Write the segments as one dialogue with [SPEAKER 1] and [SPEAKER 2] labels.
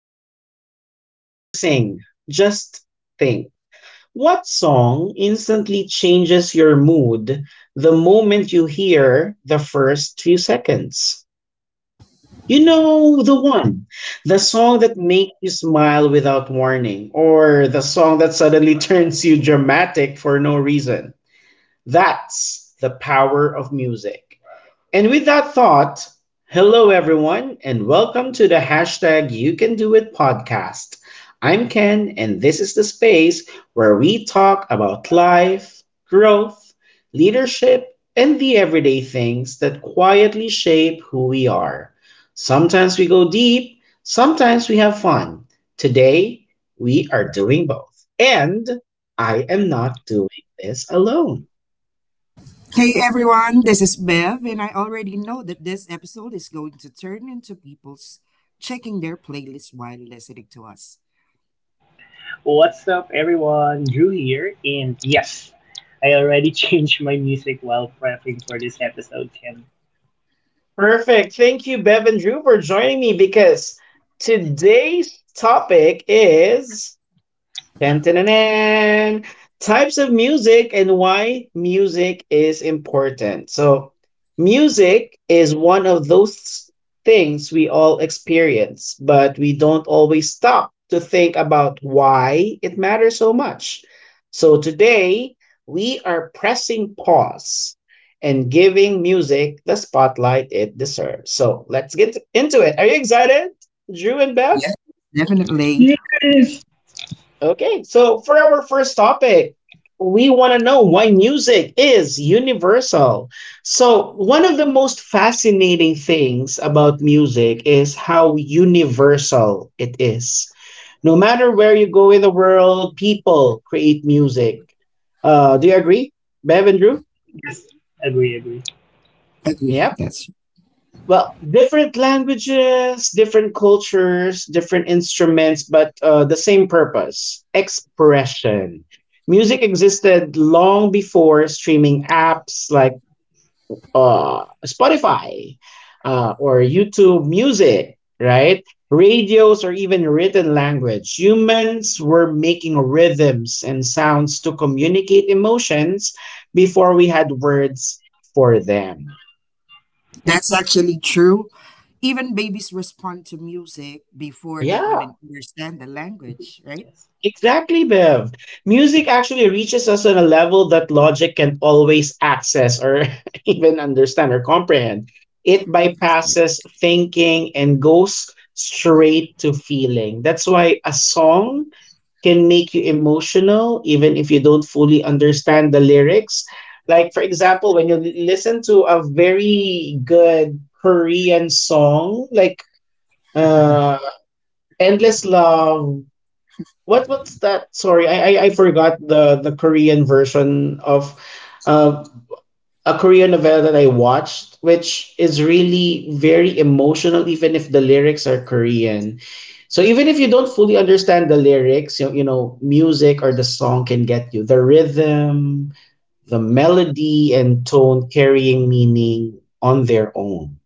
[SPEAKER 1] you don't have to stand up or sing. Just think. What song instantly changes your mood the moment you hear the first few seconds? You know the one, the song that makes you smile without warning, or the song that suddenly turns you dramatic for no reason. That's the power of music. And with that thought, hello everyone, and welcome to the hashtag You Can Do It podcast. I'm Ken, and this is the space where we talk about life, growth, leadership, and the everyday things that quietly shape who we are. Sometimes we go deep, sometimes we have fun. Today, we are doing both. And I am not doing this alone.
[SPEAKER 2] Hey everyone, this is Bev, and I already know that this episode is going to turn into people's checking their playlist while listening to us.
[SPEAKER 3] What's up, everyone? Drew here, and yes, I already changed my music while prepping for this episode, Ken.
[SPEAKER 1] Perfect. Thank you, Bev and Drew, for joining me because today's topic is Dun-dun-dun-dun. Types of music and why music is important. So, music is one of those things we all experience, but we don't always stop to think about why it matters so much. So, today we are pressing pause and giving music the spotlight it deserves. So, let's get into it. Are you excited, Drew and
[SPEAKER 2] Yes,
[SPEAKER 1] Beth?
[SPEAKER 2] definitely.
[SPEAKER 3] Yes!
[SPEAKER 1] Okay, so for our first topic, we want to know why music is universal. So, one of the most fascinating things about music is how universal it is. No matter where you go in the world, people create music. Do you agree, Bev and Drew?
[SPEAKER 3] Yes, agree, agree.
[SPEAKER 2] Agree.
[SPEAKER 1] Yep.
[SPEAKER 2] That's
[SPEAKER 1] Well, different languages, different cultures, different instruments, but the same purpose expression. Music existed long before streaming apps like Spotify or YouTube Music, right? Radios or even written language. Humans were making rhythms and sounds to communicate emotions before we had words for them.
[SPEAKER 2] that's actually true. Even babies respond to music before they
[SPEAKER 1] Yeah.
[SPEAKER 2] even understand the language, right?
[SPEAKER 3] Yes.
[SPEAKER 1] Exactly, Bev. Music actually reaches us on a level that logic can't always access or even understand or comprehend. It bypasses thinking and goes straight to feeling. That's why a song can make you emotional even if you don't fully understand the lyrics. Like, for example, when you listen to a very good Korean song, like uh, Endless Love, what's that? Sorry, I forgot the Korean version of uh, a Korean novella that I watched, which is really very emotional, even if the lyrics are Korean. So even if you don't fully understand the lyrics, you know, music or the song can get you. The rhythm, the melody and tone carrying meaning on their own.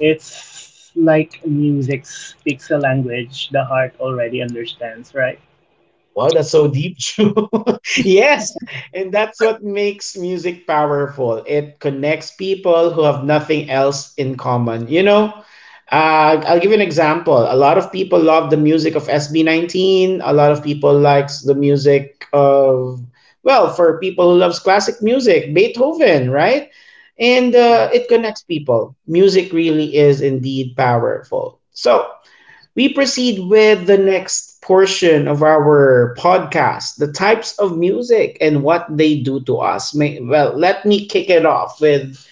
[SPEAKER 3] It's like music speaks a language the heart already understands, right?
[SPEAKER 1] Wow, that's so deep, Drew. Yes, and that's what makes music powerful. It connects people who have nothing else in common. You know, I'll give you an example. A lot of people love the music of SB19. A lot of people likes the music of, well, for people who loves classic music, Beethoven, right? And
[SPEAKER 3] Yes.
[SPEAKER 1] it connects people. Music really is indeed powerful. So we proceed with the next portion of our podcast, the types of music and what they do to us. Well, let me kick it off with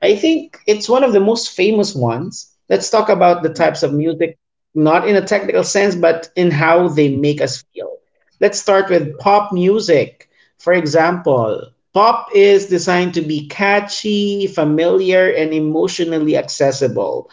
[SPEAKER 1] I think it's one of the most famous ones. Let's talk about the types of music, not in a technical sense, but in how they make us feel. Let's start with pop music. For example, pop is designed to be catchy, familiar, and emotionally accessible.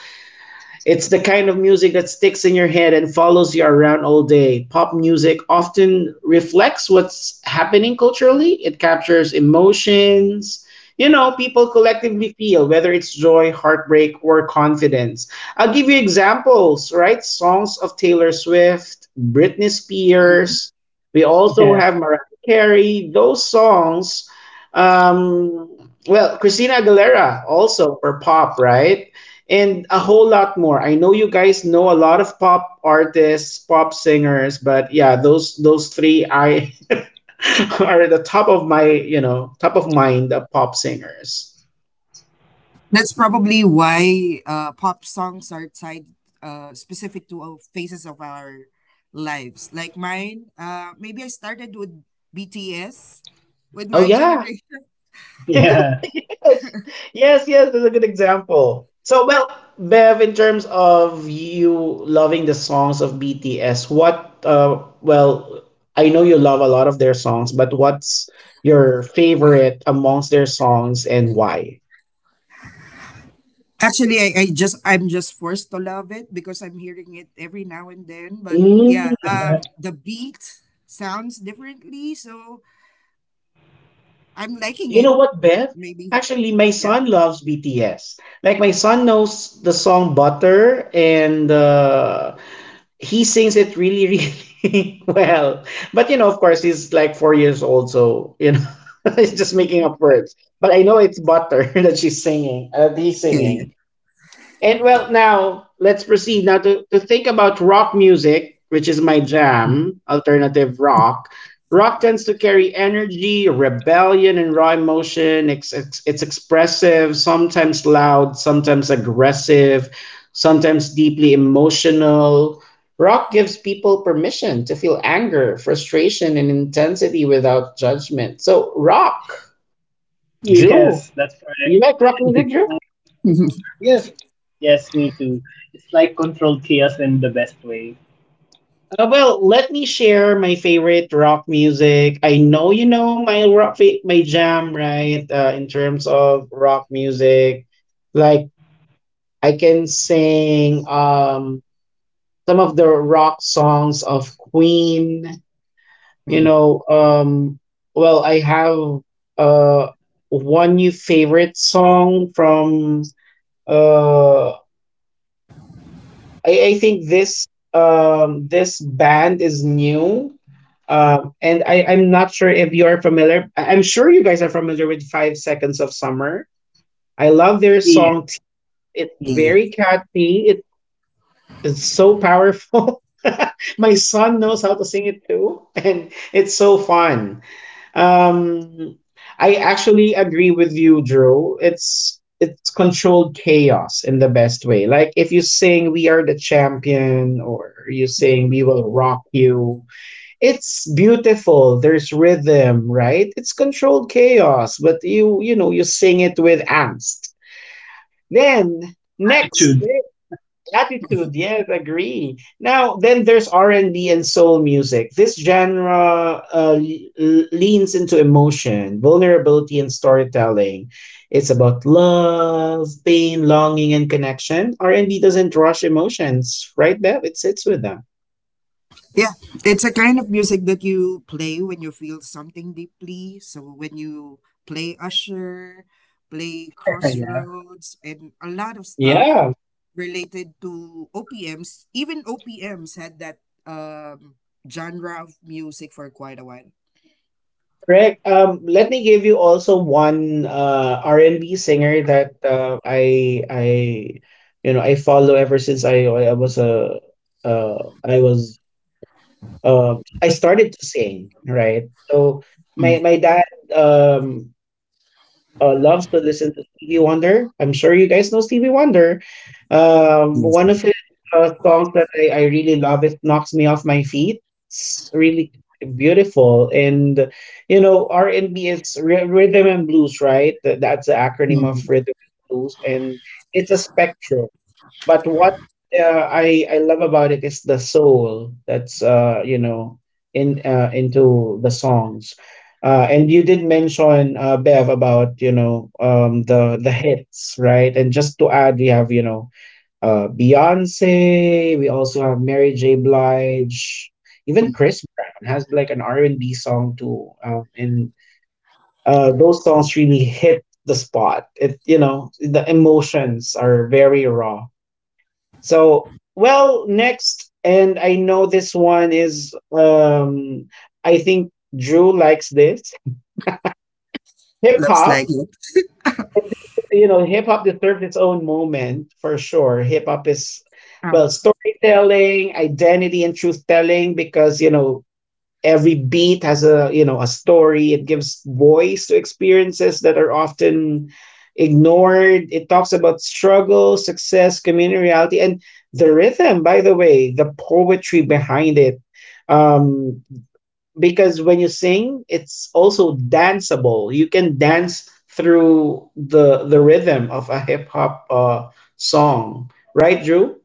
[SPEAKER 1] It's the kind of music that sticks in your head and follows you around all day. Pop music often reflects what's happening culturally. It captures emotions, you know, people collectively feel, whether it's joy, heartbreak, or confidence. I'll give you examples, right? Songs of Taylor Swift, Britney Spears. We also
[SPEAKER 3] Yes.
[SPEAKER 1] have Mariah Carey. Those songs, well, Christina Aguilera also for pop, right? And a whole lot more. I know you guys know a lot of pop artists, pop singers, but yeah, those three I are the top of my, you know, top of mind pop singers.
[SPEAKER 2] That's probably why pop songs are tied specific to all phases of our lives. Like mine, maybe I started with BTS with
[SPEAKER 1] Oh
[SPEAKER 2] my
[SPEAKER 1] yeah.
[SPEAKER 2] generation.
[SPEAKER 1] Yes,
[SPEAKER 2] Yeah.
[SPEAKER 3] Yeah.
[SPEAKER 1] yes, that's a good example. So, well, Bev, in terms of you loving the songs of BTS, what, well, I know you love a lot of their songs, but what's your favorite amongst their songs and why?
[SPEAKER 2] Actually, I'm just forced to love it because I'm hearing it every now and then. But yeah,
[SPEAKER 1] Mm.
[SPEAKER 2] the beat sounds differently, so I'm liking
[SPEAKER 1] You
[SPEAKER 2] it.
[SPEAKER 1] know what, Bev?
[SPEAKER 2] Maybe.
[SPEAKER 1] Actually, my
[SPEAKER 2] Yeah.
[SPEAKER 1] son loves BTS. Like, my son knows the song Butter, and he sings it really, really well. But, you know, of course, he's like 4 years old, so, you know, he's just making up words. But I know it's Butter that she's singing, that he's
[SPEAKER 2] Yeah, yeah,
[SPEAKER 1] singing. And well, now let's proceed now to think about rock music, which is my jam, alternative rock. Rock tends to carry energy, rebellion, and raw emotion. It's expressive, sometimes loud, sometimes aggressive, sometimes deeply emotional. Rock gives people permission to feel anger, frustration, and intensity without judgment. So, rock, Drew,
[SPEAKER 3] Yes, that's
[SPEAKER 1] you
[SPEAKER 3] correct.
[SPEAKER 1] like rock
[SPEAKER 3] It's
[SPEAKER 1] music,
[SPEAKER 3] like,
[SPEAKER 2] yeah.
[SPEAKER 3] yes, yes, me too. It's like controlled chaos in the best way.
[SPEAKER 1] Well, let me share my favorite rock music. I know you know my rock, my jam, right? In terms of rock music, like I can sing some of the rock songs of Queen. You know, well, I have uh one new favorite song from uh I think this this band is new. And I'm not sure if you're familiar. I'm sure you guys are familiar with Five Seconds of Summer. I love their song.
[SPEAKER 3] Yes.
[SPEAKER 1] It's
[SPEAKER 2] Yeah.
[SPEAKER 1] very catchy. It's so powerful. My son knows how to sing it too. And it's so fun. Um, I actually agree with you, Drew. It's controlled chaos in the best way. Like if you sing "We Are the Champion" or you sing
[SPEAKER 3] With
[SPEAKER 1] "We Will Rock You," it's beautiful. There's rhythm, right? It's controlled chaos, but you know you sing it with angst. Then next
[SPEAKER 3] attitude.
[SPEAKER 1] Attitude, yes, agree. Now, then there's R&B and B and soul music. This genre leans into emotion, vulnerability, and storytelling. It's about love, pain, longing, and connection. R&B doesn't rush emotions, right, Bev? It sits with them.
[SPEAKER 2] Yeah, it's a kind of music that you play when you feel something deeply. So when you play Usher, play
[SPEAKER 3] Yeah.
[SPEAKER 2] Crossroads, and a lot of stuff
[SPEAKER 1] Yeah,
[SPEAKER 2] related to OPMs, even OPMs had that um, genre of music for quite a while.
[SPEAKER 1] correct. Let me give you also one R&B singer that I you know I follow ever since I was a uh I was I started to sing, right? So
[SPEAKER 2] Mm.
[SPEAKER 1] my dad loves to listen to Stevie Wonder. I'm sure you guys know Stevie Wonder.
[SPEAKER 2] Yes,
[SPEAKER 1] One of
[SPEAKER 2] yes.
[SPEAKER 1] his songs that I really love is "Knocks Me Off My Feet." It's really beautiful, and you know R and B is rhythm and blues, right? That's the acronym of
[SPEAKER 2] Mhm,
[SPEAKER 1] rhythm and blues, and it's a spectrum. But what uh, I love about it is the soul that's you know in into the songs. And you did mention Bev about you know the hits, right? And just to add, we have you know Beyonce. We also have Mary J. Blige. Even
[SPEAKER 2] mhm.
[SPEAKER 1] Chris Brown has like an R and B song too, and those songs really hit the spot. It you know the emotions are very raw. So well, next, and I know this one is I think Drew likes this hip
[SPEAKER 2] Looks
[SPEAKER 1] hop.
[SPEAKER 2] like it.
[SPEAKER 1] You know, hip hop deserves its own moment for sure. Hip hop is, well,
[SPEAKER 2] Um,
[SPEAKER 1] storytelling, identity, and truth telling because, you know, every beat has a, you know, a story. It gives voice to experiences that are often ignored. It talks about struggle, success, community reality, and the rhythm, by the way, the poetry behind it. Um, because when you sing it's also danceable, you can dance through the rhythm of a hip hop song, right, drew?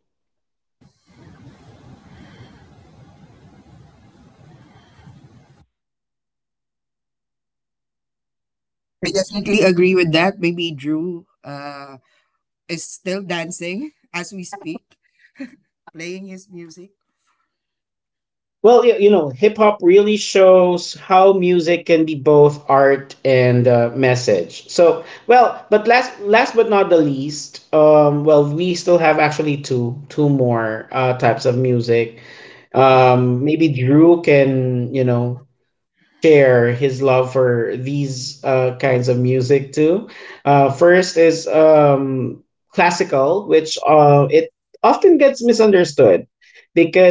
[SPEAKER 2] I definitely agree with that. Maybe Drew is still dancing as we speak, playing his music.
[SPEAKER 1] Well you know hip hop really shows how music can be both art and message. So well, but last but not the least, well we still have actually two more types of music. Maybe drew can you know share his love for these kinds of music too. First is classical, which it often gets misunderstood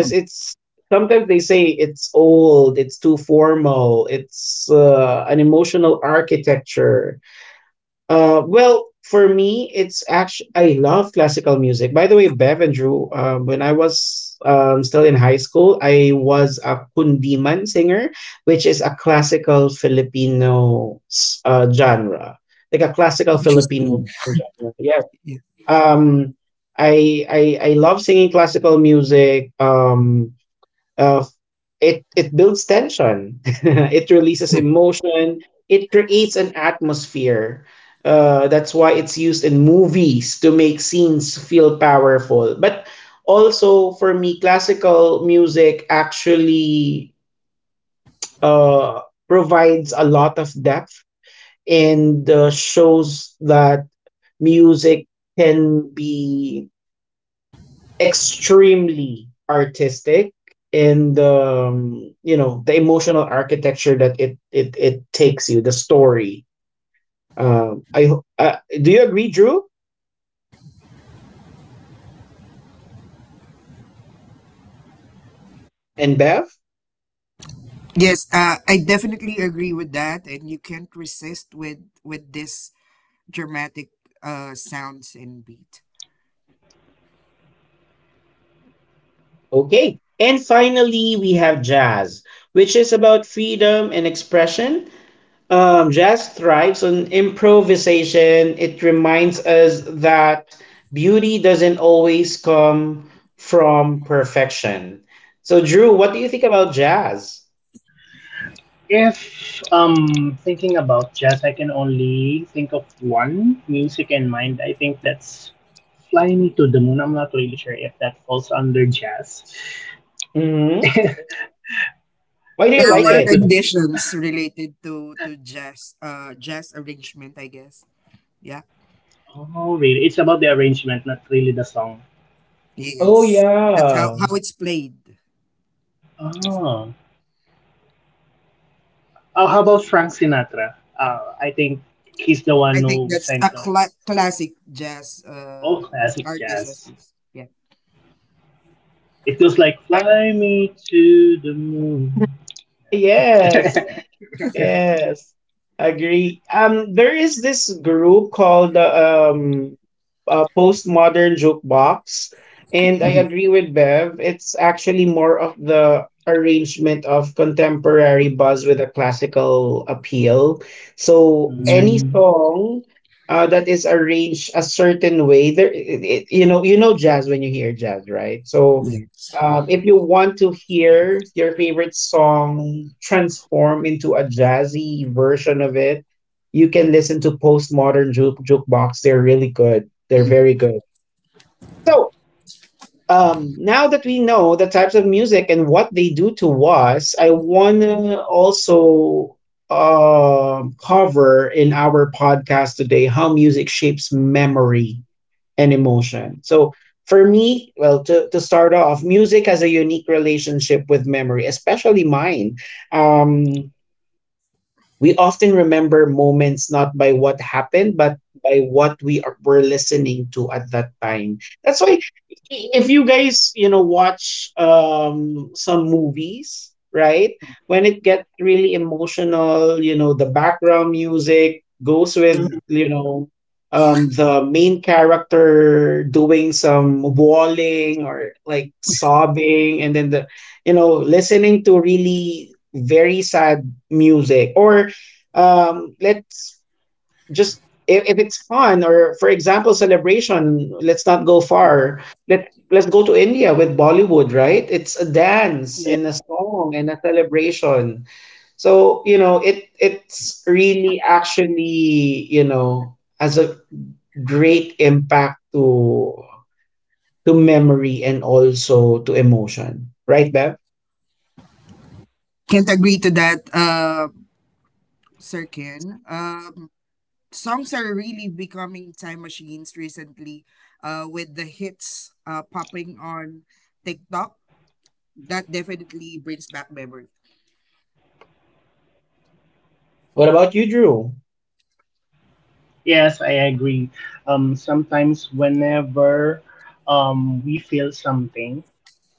[SPEAKER 2] Mm.
[SPEAKER 1] it's sometimes they say it's old, it's too formal, it's an emotional architecture. Well, for me, it's actually I love classical music. By the way, Bev and Drew, when I was still in high school, I was a kundiman singer, which is a classical Filipino genre, like a classical Filipino
[SPEAKER 2] Interesting.
[SPEAKER 1] genre. Yeah.
[SPEAKER 2] Yeah.
[SPEAKER 1] Um, I love singing classical music. Uh, it it builds tension. It releases emotion. It creates an atmosphere. That's why it's used in movies to make scenes feel powerful. But also for me, classical music actually uh, provides a lot of depth and shows that music can be extremely artistic in the you know the emotional architecture that it takes you the story. um i ho- uh, do you agree, drew and bev?
[SPEAKER 2] Yes, I definitely agree with that, and you can't resist with this dramatic sounds and beat.
[SPEAKER 1] Okay. And finally, we have jazz, which is about freedom and expression. Jazz thrives on improvisation. It reminds us that beauty doesn't always come from perfection. So, Drew, what do you think about jazz?
[SPEAKER 3] If thinking about jazz, I can only think of one music in mind. I think that's "Fly Me to the Moon." I'm not really sure if that falls under jazz.
[SPEAKER 1] Hmm. Why do you
[SPEAKER 2] There
[SPEAKER 3] If
[SPEAKER 1] like
[SPEAKER 3] only
[SPEAKER 2] were
[SPEAKER 3] I
[SPEAKER 1] it?
[SPEAKER 3] could.
[SPEAKER 2] renditions related to jazz jazz arrangement, I guess. Yeah.
[SPEAKER 3] Oh, really? It's about the arrangement, not really the song.
[SPEAKER 1] Oh,
[SPEAKER 2] Yes, that's how
[SPEAKER 1] yeah.
[SPEAKER 2] how it's played basically.
[SPEAKER 3] Oh. Oh, how about Frank Sinatra? I think he's the
[SPEAKER 2] I
[SPEAKER 3] one
[SPEAKER 2] think
[SPEAKER 3] who
[SPEAKER 2] that's
[SPEAKER 3] sang
[SPEAKER 2] a
[SPEAKER 3] the
[SPEAKER 2] classic jazz
[SPEAKER 3] old classic
[SPEAKER 2] artist. As
[SPEAKER 3] jazz.
[SPEAKER 2] is. Yeah.
[SPEAKER 3] It goes like "Fly Me to the Moon."
[SPEAKER 1] Yes. Yes, agree. There is this group called Postmodern Jukebox, and I
[SPEAKER 2] Mhm.
[SPEAKER 1] agree with Bev. It's actually more of the arrangement of contemporary buzz with a classical appeal. So
[SPEAKER 2] That's
[SPEAKER 1] any
[SPEAKER 2] right.
[SPEAKER 3] Mm.
[SPEAKER 1] song that is arranged a certain way, you know jazz when you hear jazz, right? So
[SPEAKER 2] Yes.
[SPEAKER 1] if you want to hear your favorite song transform into a jazzy version of it, you can listen to Postmodern Jukebox. They're really good. They're very good. So, now that we know the types of music and what they do to us, I want to also cover in our podcast today how music shapes memory and emotion. So for me, well, to start off, music has a unique relationship with memory, especially mine. Um, we often remember moments not by what happened, but by what were listening to at that time. That's why if you guys, you know, watch some movies, right? When it gets really emotional, you know, the background music goes with,
[SPEAKER 3] Mhm.
[SPEAKER 1] you know, the main character doing some bawling or like sobbing, and then the, you know, listening to really very sad music, or let's just, if it's fun or for example celebration, let's not go far, let's go to India with Bollywood, right? It's a dance and
[SPEAKER 3] Yeah.
[SPEAKER 1] a song and a celebration. So, you know, it it's really actually, you know, has a great impact to memory and also to emotion, right, Bev?
[SPEAKER 2] Can't agree to that, Sir Ken. Songs are really becoming time machines recently with the hits popping on TikTok that definitely brings back memory.
[SPEAKER 1] What about you, Drew?
[SPEAKER 3] Yes, I agree. Sometimes whenever we feel something,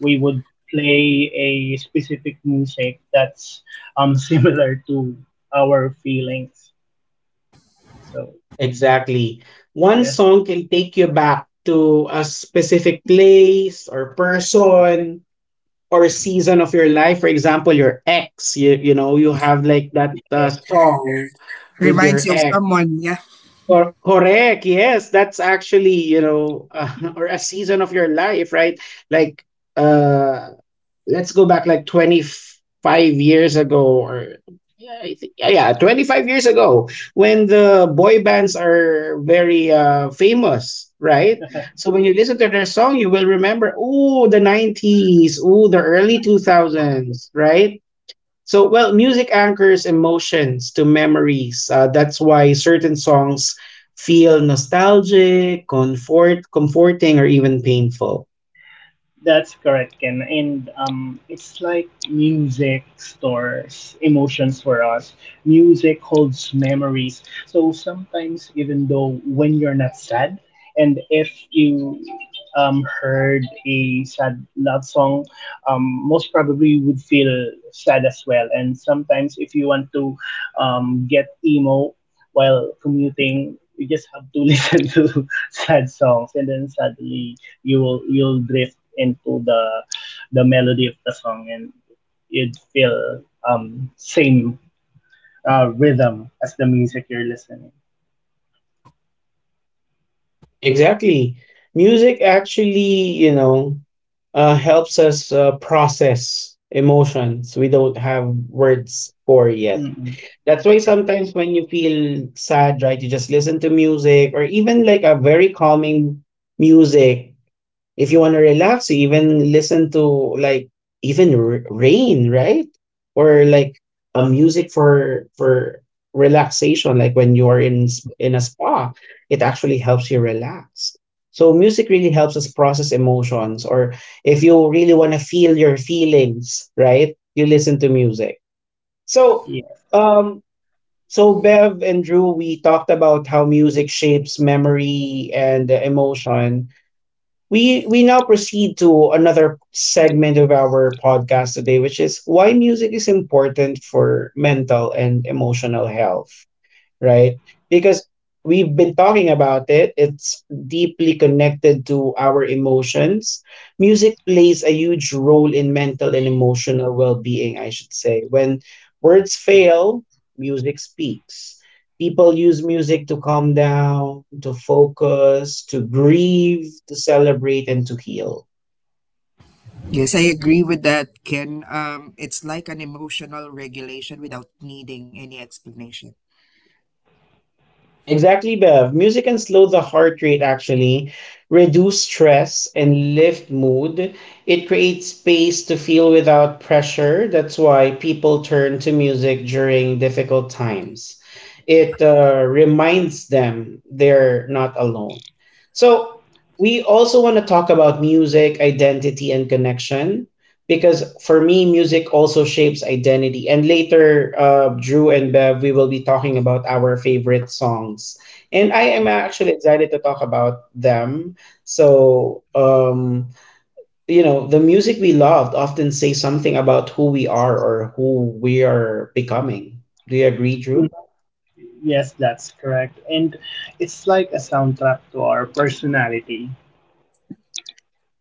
[SPEAKER 3] we would play a specific music that's similar to our feelings. So
[SPEAKER 1] Exactly. One
[SPEAKER 3] yes,
[SPEAKER 1] song can take you back to a specific place or person or season of your life. For example, your ex, you know, you have like that
[SPEAKER 3] yes,
[SPEAKER 1] song with your
[SPEAKER 2] Reminds you of
[SPEAKER 1] ex.
[SPEAKER 2] someone. Yeah,
[SPEAKER 1] Correct. Yes, that's actually, you know, or a season of your life, right? Like, uh, let's go back like 25 years ago, or yeah, I think yeah, 25 years ago, when the boy bands are very famous, right? So when you listen to their song, you will remember, oh, the 90s, oh, the early two
[SPEAKER 3] Backstreet Boys.
[SPEAKER 1] thousands, right? So, well, music anchors emotions to memories. That's why certain songs feel nostalgic, comfort, comforting, or even painful.
[SPEAKER 3] That's correct, Ken. And it's like music stores emotions for us. Music holds memories. So sometimes, even though when you're not sad, and if you heard a sad love song, most probably you would feel sad as well. And sometimes, if you want to get emo while commuting, you just have to listen to sad songs, and then suddenly you'll drift into the melody of the song and you'd feel same rhythm as the music you're listening.
[SPEAKER 1] Exactly. Music actually, you know, helps us process emotions we don't have words for yet.
[SPEAKER 3] Mm-mm.
[SPEAKER 1] That's
[SPEAKER 3] That's
[SPEAKER 1] why
[SPEAKER 3] correct.
[SPEAKER 1] sometimes when you feel sad, right, you just listen to music or even like a very calming music. If you want to relax, you even listen to, like, even rain, right? Or like a music for relaxation, like when you are in in a spa, it actually helps you relax. So music really helps us process emotions, or if you really want to feel your feelings, right? You listen to music. So,
[SPEAKER 3] Yes, that's
[SPEAKER 1] um, so Bev and Drew, we talked about how music shapes memory and emotion. We now proceed to another segment of our podcast today, which is why music is important for mental and emotional health, right? Because we've been talking about it, it's deeply connected to our emotions. Music plays a huge role in mental and emotional well being, I should say. When words fail, music speaks. People use music to calm down, to focus, to grieve, to celebrate, and to heal.
[SPEAKER 2] yes, I agree with that, Ken. It's like an emotional regulation without needing any explanation.
[SPEAKER 1] Exactly, Bev. Music can slow the heart rate actually, reduce stress, and lift mood. It creates space to feel without pressure. That's why people turn to music during difficult times. It reminds them they're not alone. So we also want to talk about music, identity, and connection, because for me, music also shapes identity. And later, Drew and Bev, we will be talking about our favorite songs, and I am actually excited to talk about them. So, you know, the music we loved often say something about who we are or who we are becoming. Do you agree, Drew?
[SPEAKER 3] hmm yes, that's correct. And it's like a soundtrack to our personality.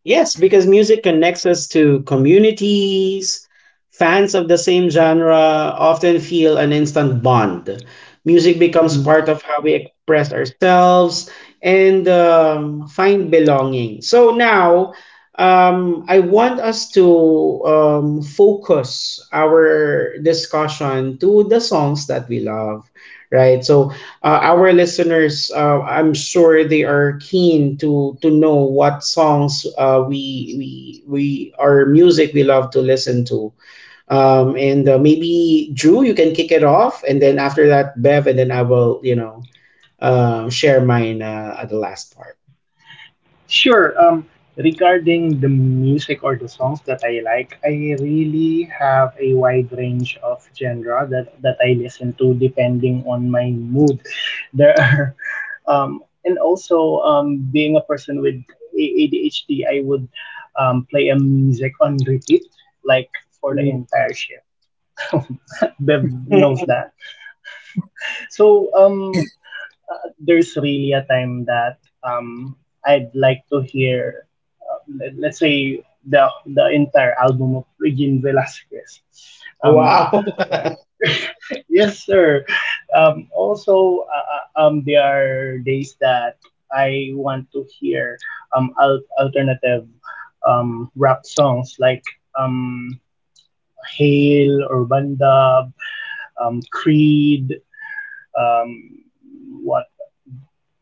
[SPEAKER 1] Yes, because music connects us to communities. Fans of the same genre often feel an instant bond. Music becomes
[SPEAKER 3] Mhm.
[SPEAKER 1] part of how we express ourselves and find belonging. So now, I want us to focus our discussion to the songs that we love, right? So, our listeners, I'm sure they are keen to know what songs we our music we love to listen to. And maybe Drew, you can kick it off, and then after that, Bev, and then I will, you know, share mine at the last part.
[SPEAKER 3] Sure. Regarding the music or the songs that I like, I really have a wide range of genre that I listen to depending on my mood. There are, and also being a person with ADHD, I would play a music on repeat, like for the entire shift. Bev knows that. So
[SPEAKER 2] Yeah.
[SPEAKER 3] there's really a time that um, I'd like to hear, let's say, the entire album of Regine Velasquez. Um,
[SPEAKER 1] Wow.
[SPEAKER 3] yeah. Yes, sir. Also, there are days that I want to hear alternative rap songs like Hail or Bandab, Creed, um, what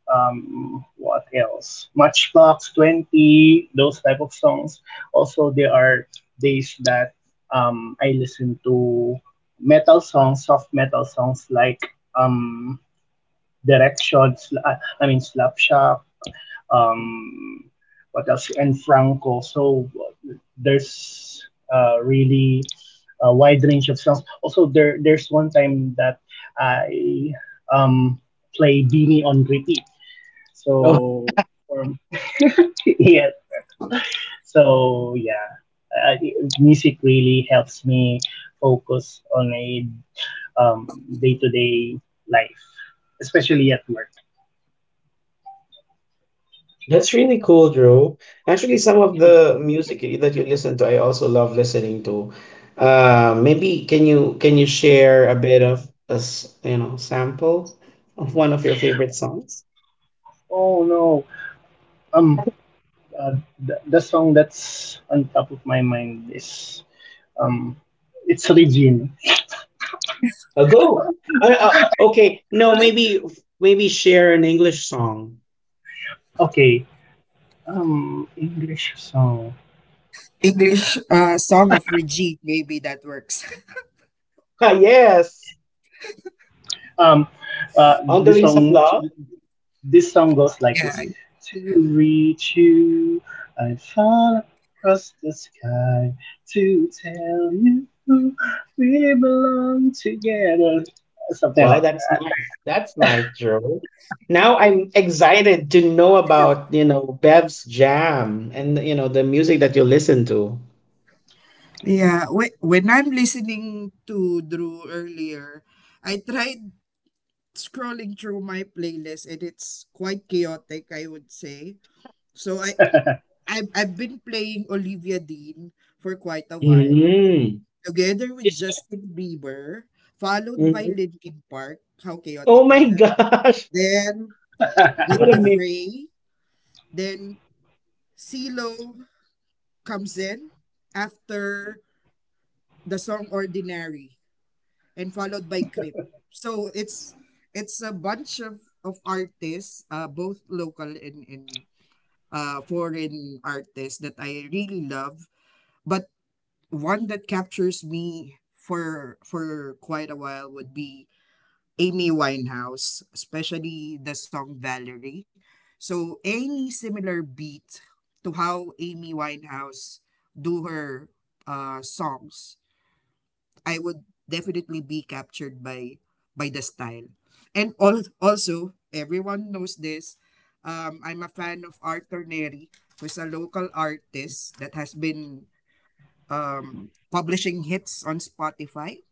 [SPEAKER 3] what else? Matchbox Twenty, those type of songs. Also, there are days that I listen to metal songs, soft metal songs like Direction, I mean Slapshot, um, what else? And Franco. So there's really a wide range of songs. Also, there's one time that I um, play Beanie on repeat. So for Yes. So yeah, I, music really helps me focus on a um, day-to-day life, especially at work.
[SPEAKER 1] That's really cool, Drew. Actually, some of the music that you listen to, I also love listening to. Maybe can you share a bit of a you know sample of one of your favorite songs?
[SPEAKER 3] Oh no, um, uh, the song that's on top of my mind is um, it's Regine.
[SPEAKER 1] Go.
[SPEAKER 3] I,
[SPEAKER 1] Okay, no,
[SPEAKER 3] I,
[SPEAKER 1] maybe maybe share an English song.
[SPEAKER 3] okay, English song.
[SPEAKER 2] English song of Regine, maybe that works.
[SPEAKER 1] Ah, yes,
[SPEAKER 3] Um, uh,
[SPEAKER 1] On the
[SPEAKER 3] this
[SPEAKER 1] Wings of
[SPEAKER 3] song,
[SPEAKER 1] Love.
[SPEAKER 3] this song goes like
[SPEAKER 2] Yeah.
[SPEAKER 3] this: To reach you, I fall across the sky to tell you we belong together. Something
[SPEAKER 1] Wow,
[SPEAKER 3] like
[SPEAKER 1] that's
[SPEAKER 3] that.
[SPEAKER 1] nice. That's nice, Drew. Now I'm excited to know, about you know, Bev's jam and, you know, the music that you listen to.
[SPEAKER 2] Yeah. When I'm listening to Drew earlier, I tried scrolling through my playlist and it's quite chaotic, I would say. So I've been playing Olivia Dean for quite a while,
[SPEAKER 1] Mhm.
[SPEAKER 2] together with
[SPEAKER 1] Is that
[SPEAKER 2] Justin Bieber, followed
[SPEAKER 1] mhm.
[SPEAKER 2] by Linkin Park. How
[SPEAKER 1] Oh
[SPEAKER 2] chaotic
[SPEAKER 1] my
[SPEAKER 2] is that?
[SPEAKER 1] gosh!
[SPEAKER 2] Then
[SPEAKER 1] What
[SPEAKER 2] with
[SPEAKER 1] a
[SPEAKER 2] The
[SPEAKER 1] mix.
[SPEAKER 2] Fray, then CeeLo comes in after the song Ordinary and followed by Crip. So it's a bunch of artists, both local and, foreign artist that I really love, but one that captures me for quite a while would be Amy Winehouse, especially the song Valerie. So any similar beat to how Amy Winehouse do her songs I would definitely be captured by the style. And also, everyone knows this. I'm a fan of Arthur Neri, who's a local artist that has been publishing hits on Spotify.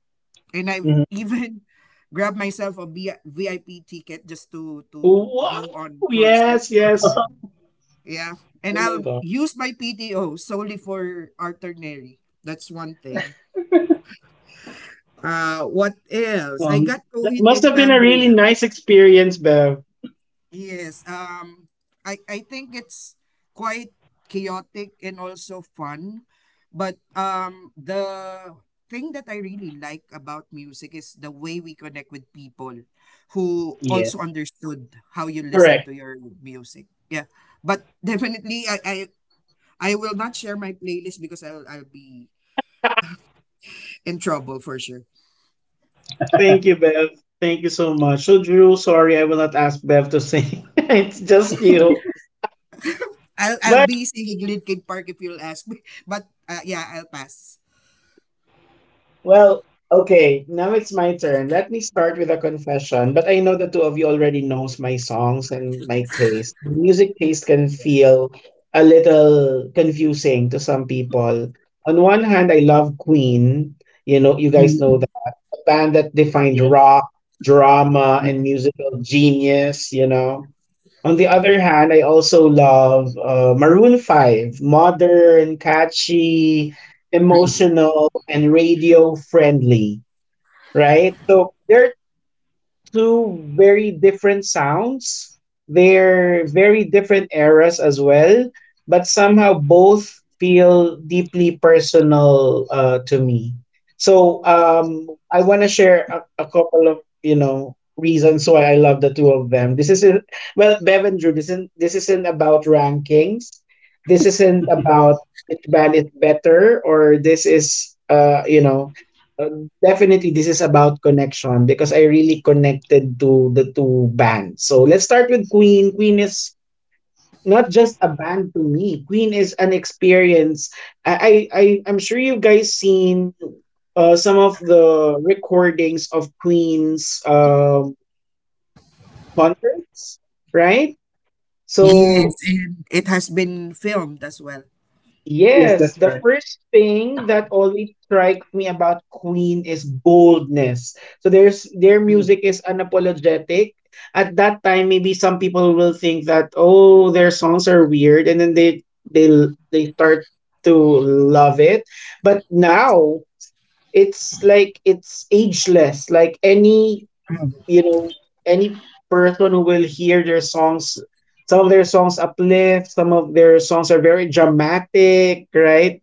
[SPEAKER 2] And I've
[SPEAKER 3] Mhm.
[SPEAKER 2] even grabbed myself a VIP ticket just to
[SPEAKER 1] Wow!
[SPEAKER 2] go on concert.
[SPEAKER 1] Yes, yes.
[SPEAKER 2] Yeah. And
[SPEAKER 1] Oh my
[SPEAKER 2] I'll
[SPEAKER 1] god.
[SPEAKER 2] use my PTO solely for Arthur Neri. That's one thing. What else? I
[SPEAKER 1] Um,
[SPEAKER 2] got
[SPEAKER 1] that
[SPEAKER 2] COVID
[SPEAKER 1] must
[SPEAKER 2] and
[SPEAKER 1] have been a really
[SPEAKER 2] Cambria.
[SPEAKER 1] nice experience, Bev.
[SPEAKER 2] Yes. I think it's quite chaotic and also fun, but the thing that I really like about music is the way we connect with people who also
[SPEAKER 3] Yes.
[SPEAKER 2] understood how you listen
[SPEAKER 1] Correct.
[SPEAKER 2] to your music. Yeah, but definitely I will not share my playlist because I'll be in trouble for sure.
[SPEAKER 1] Thank you, Bev. Thank you so much. So, Drew, sorry, I will not ask Bev to sing. it's just you.
[SPEAKER 2] I'll
[SPEAKER 1] But,
[SPEAKER 2] be singing Linkin Park if you'll ask me. But yeah, I'll pass.
[SPEAKER 1] well, okay, now it's my turn. Let me start with a confession, but I know the two of you already knows my songs and my taste. My music taste can
[SPEAKER 3] Yeah.
[SPEAKER 1] feel a little confusing to some people. On one hand, I love Queen. You know, you guys know
[SPEAKER 2] Mm,
[SPEAKER 1] that. A band that defined
[SPEAKER 3] Yeah.
[SPEAKER 1] rock, drama, and
[SPEAKER 3] Mhm.
[SPEAKER 1] musical genius, you know. On the other hand, I also love Maroon 5, modern, catchy,
[SPEAKER 2] mm.
[SPEAKER 1] emotional, and radio friendly, right? So there are two very different sounds. They're very different eras as well, but somehow both feel deeply personal to me. So I want to share a couple of, you know, reasons why I love the two of them. This isn't, well, Bev and Drew, this isn't, this isn't about rankings. This isn't about which band is better, or this is you know uh, definitely this is about connection, because I really connected to the two bands. So let's start with Queen. Queen is not just a band to me. Queen is an experience. I'm sure you guys seen some of the recordings of Queen's concerts, right?
[SPEAKER 2] Yes,
[SPEAKER 1] So
[SPEAKER 2] and it has been filmed as well.
[SPEAKER 3] Yes,
[SPEAKER 1] yes,
[SPEAKER 3] that's
[SPEAKER 1] the
[SPEAKER 3] right.
[SPEAKER 1] first thing that always strikes me about Queen is boldness. So there's their
[SPEAKER 2] Mm,
[SPEAKER 1] music is unapologetic. At that time, maybe some people will think that, oh, their songs are weird, and then they they start to love it. But now it's like it's ageless. Like any,
[SPEAKER 2] mm.
[SPEAKER 1] you know, any person who will hear their songs, some of their songs uplift, some of their songs are very dramatic, right?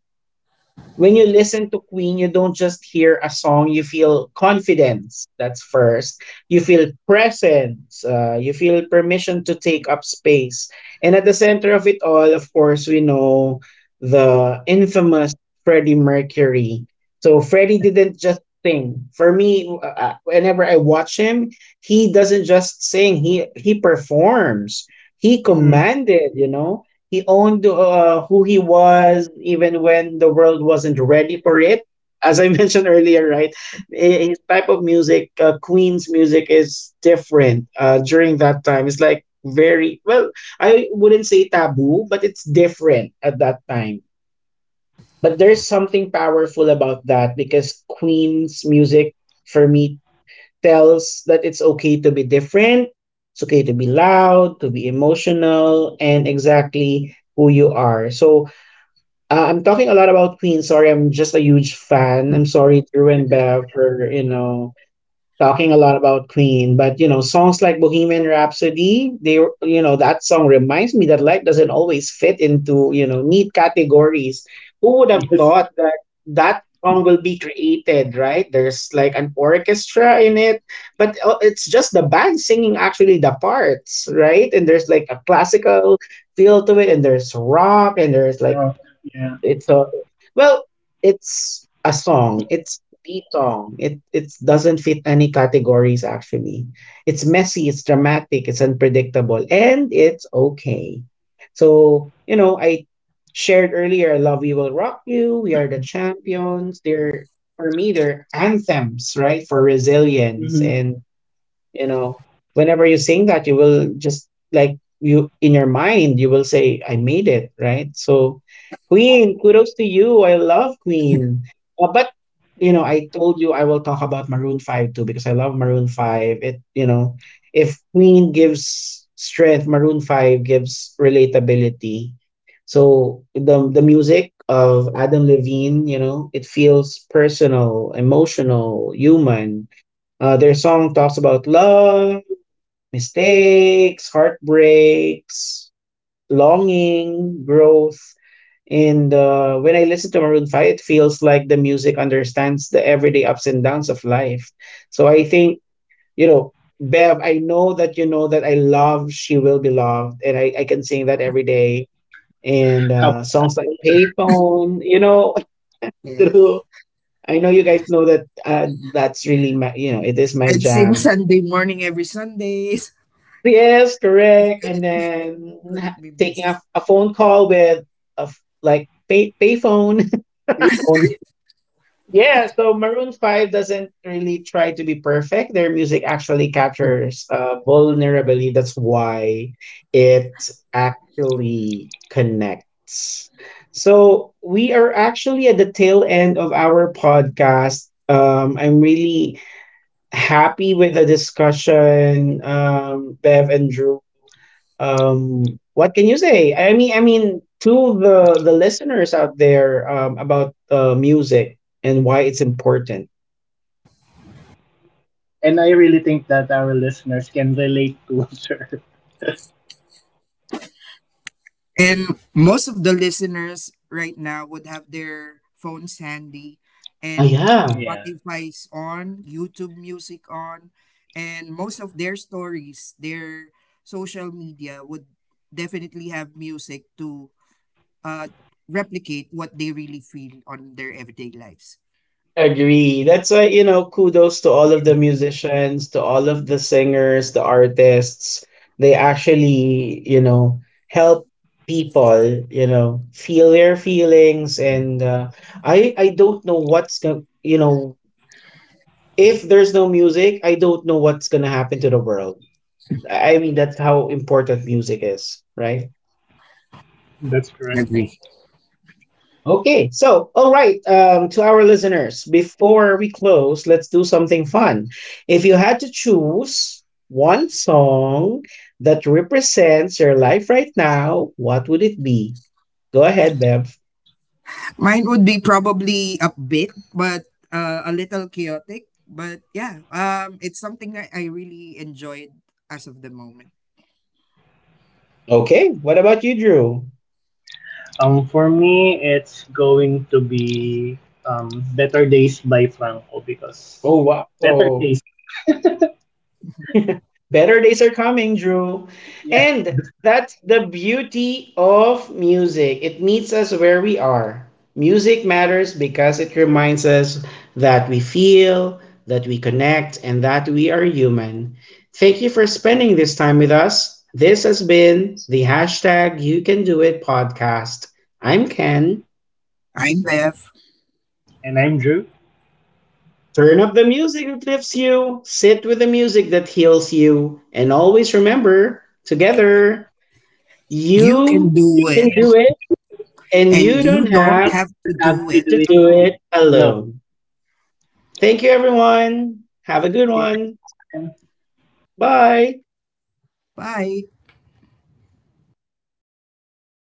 [SPEAKER 1] When you listen to Queen, you don't just hear a song, you feel confidence. That's first. You feel presence. You feel permission to take up space. And at the center of it all, of course, we know the infamous Freddie Mercury. So Freddie didn't just sing. For me, whenever I watch him, he doesn't just sing. He performs. He
[SPEAKER 3] Hmm.
[SPEAKER 1] commanded. You know, he owned who he was even when the world wasn't ready for it. As I mentioned earlier, right? i- His type of music, Queen's music, is different during that time. It's like very, well, I wouldn't say taboo, but it's different at that time. But there's something powerful about that, because Queen's music, for me, tells that it's okay to be different, it's okay to be loud, to be emotional, and exactly who you are. So I'm talking a lot about Queen. Sorry, I'm just a huge fan. I'm sorry, Drew and Bev, for, you know, talking a lot about Queen, but, you know, songs like Bohemian Rhapsody, they, you know, that song reminds me that life doesn't always fit into, you know, neat categories. Who would have
[SPEAKER 3] Yes.
[SPEAKER 1] thought that that song will be created, right? There's like an orchestra in it, but it's just the band singing actually the parts, right? And there's like a classical feel to it, and there's rock, and there's like
[SPEAKER 3] Wrong. Yeah.
[SPEAKER 1] it's a, well, it's a song. It's the song. It doesn't fit any categories actually. It's messy, it's dramatic, it's unpredictable, and it's okay. So, you know, I shared earlier, Love You Will Rock You, We Are the Champions. They're, for me, they're anthems, right? For resilience,
[SPEAKER 3] Hmm.
[SPEAKER 1] and, you know, whenever you sing that, you will just, like, you in your mind you will say I made it, right? So Queen, kudos to you. I love Queen. But, you know, I told you I will talk about Maroon 5 too, because I love Maroon 5. It, you know, if Queen gives strength, Maroon 5 gives relatability. So the music of Adam Levine, you know, it feels personal, emotional, human. Their song talks about love, mistakes, heartbreaks, longing, growth. And when I listen to Maroon 5, it feels like the music understands the everyday ups and downs of life. So I think, you know, Bev, I know that you know that I love She Will Be Loved, and I can sing that every day. And
[SPEAKER 3] How about
[SPEAKER 1] songs like
[SPEAKER 3] samples, sir?
[SPEAKER 1] Payphone, you know, Drew,
[SPEAKER 2] Yes.
[SPEAKER 1] I know you guys know that that's really my, you know, it is my
[SPEAKER 2] And sing
[SPEAKER 1] jam.
[SPEAKER 2] Sunday morning every Sunday.
[SPEAKER 1] Yes,
[SPEAKER 2] It
[SPEAKER 1] correct. And
[SPEAKER 2] couldn't, it
[SPEAKER 1] then
[SPEAKER 2] couldn't be
[SPEAKER 1] taking
[SPEAKER 2] missed.
[SPEAKER 1] a phone call with a like pay payphone.
[SPEAKER 3] They phone.
[SPEAKER 1] yeah, so Maroon 5 doesn't really try to be perfect. Their music actually
[SPEAKER 2] Mm-hmm.
[SPEAKER 1] captures vulnerability. That's why it actually connects. So we are actually at the tail end of our podcast. I'm really happy with the discussion, Bev and Drew. What can you say? I mean, to the listeners out there, about music and why it's important.
[SPEAKER 3] And I really think that our listeners can relate to her.
[SPEAKER 2] And most of the listeners right now would have their phones handy
[SPEAKER 1] Oh,
[SPEAKER 2] and
[SPEAKER 1] yeah.
[SPEAKER 3] Yeah,
[SPEAKER 2] Spotify's on, YouTube music on, and most of their stories, their social media would definitely have music to uh, replicate what they really feel on their everyday lives.
[SPEAKER 1] Agree. That's why, you know, kudos to all of the musicians, to all of the singers, the artists. They actually, you know, help people, you know, feel their feelings. And I don't know what's going, you know, if there's no music, I don't know what's gonna happen to the world. I mean, that's how important music is, right?
[SPEAKER 3] that's correct.
[SPEAKER 2] Agree.
[SPEAKER 1] Okay, so all right, to our listeners, before we close, let's do something fun. If you had to choose one song that represents your life right now, what would it be? Go ahead, Bev.
[SPEAKER 2] Mine would be probably upbeat, but a little chaotic. But yeah, it's something that I really enjoyed as of the moment.
[SPEAKER 1] Okay, what about you, Drew?
[SPEAKER 3] For me, it's going to be um, Better Days by Franco because
[SPEAKER 1] Oh
[SPEAKER 3] Better
[SPEAKER 1] wow.
[SPEAKER 3] Days.
[SPEAKER 1] Better days are coming, Drew.
[SPEAKER 3] Yes,
[SPEAKER 1] And
[SPEAKER 3] that's correct.
[SPEAKER 1] that's the beauty of music. It meets us where we are. Music matters because it reminds us that we feel, that we connect, and that we are human. Thank you for spending this time with us. This has been the hashtag You Can Do It podcast. I'm Ken.
[SPEAKER 2] I left.
[SPEAKER 3] And I'm Drew.
[SPEAKER 1] Turn up the music that lifts you, sit with the music that heals you, and always remember, together,
[SPEAKER 2] You
[SPEAKER 1] you
[SPEAKER 2] can
[SPEAKER 3] You
[SPEAKER 2] do
[SPEAKER 1] can
[SPEAKER 2] it,
[SPEAKER 1] do
[SPEAKER 3] can
[SPEAKER 1] it
[SPEAKER 3] do it,
[SPEAKER 1] and you
[SPEAKER 2] and
[SPEAKER 1] don't
[SPEAKER 2] you
[SPEAKER 3] and
[SPEAKER 2] don't
[SPEAKER 3] you
[SPEAKER 1] have
[SPEAKER 2] have
[SPEAKER 3] don't
[SPEAKER 2] to
[SPEAKER 3] have
[SPEAKER 2] do
[SPEAKER 3] to
[SPEAKER 2] it
[SPEAKER 3] do
[SPEAKER 1] to
[SPEAKER 3] it
[SPEAKER 1] do
[SPEAKER 2] alone.
[SPEAKER 1] it
[SPEAKER 3] alone.
[SPEAKER 1] alone. Thank you, everyone. Have a good
[SPEAKER 3] See you next
[SPEAKER 1] one.
[SPEAKER 3] time.
[SPEAKER 1] Bye.
[SPEAKER 2] Bye.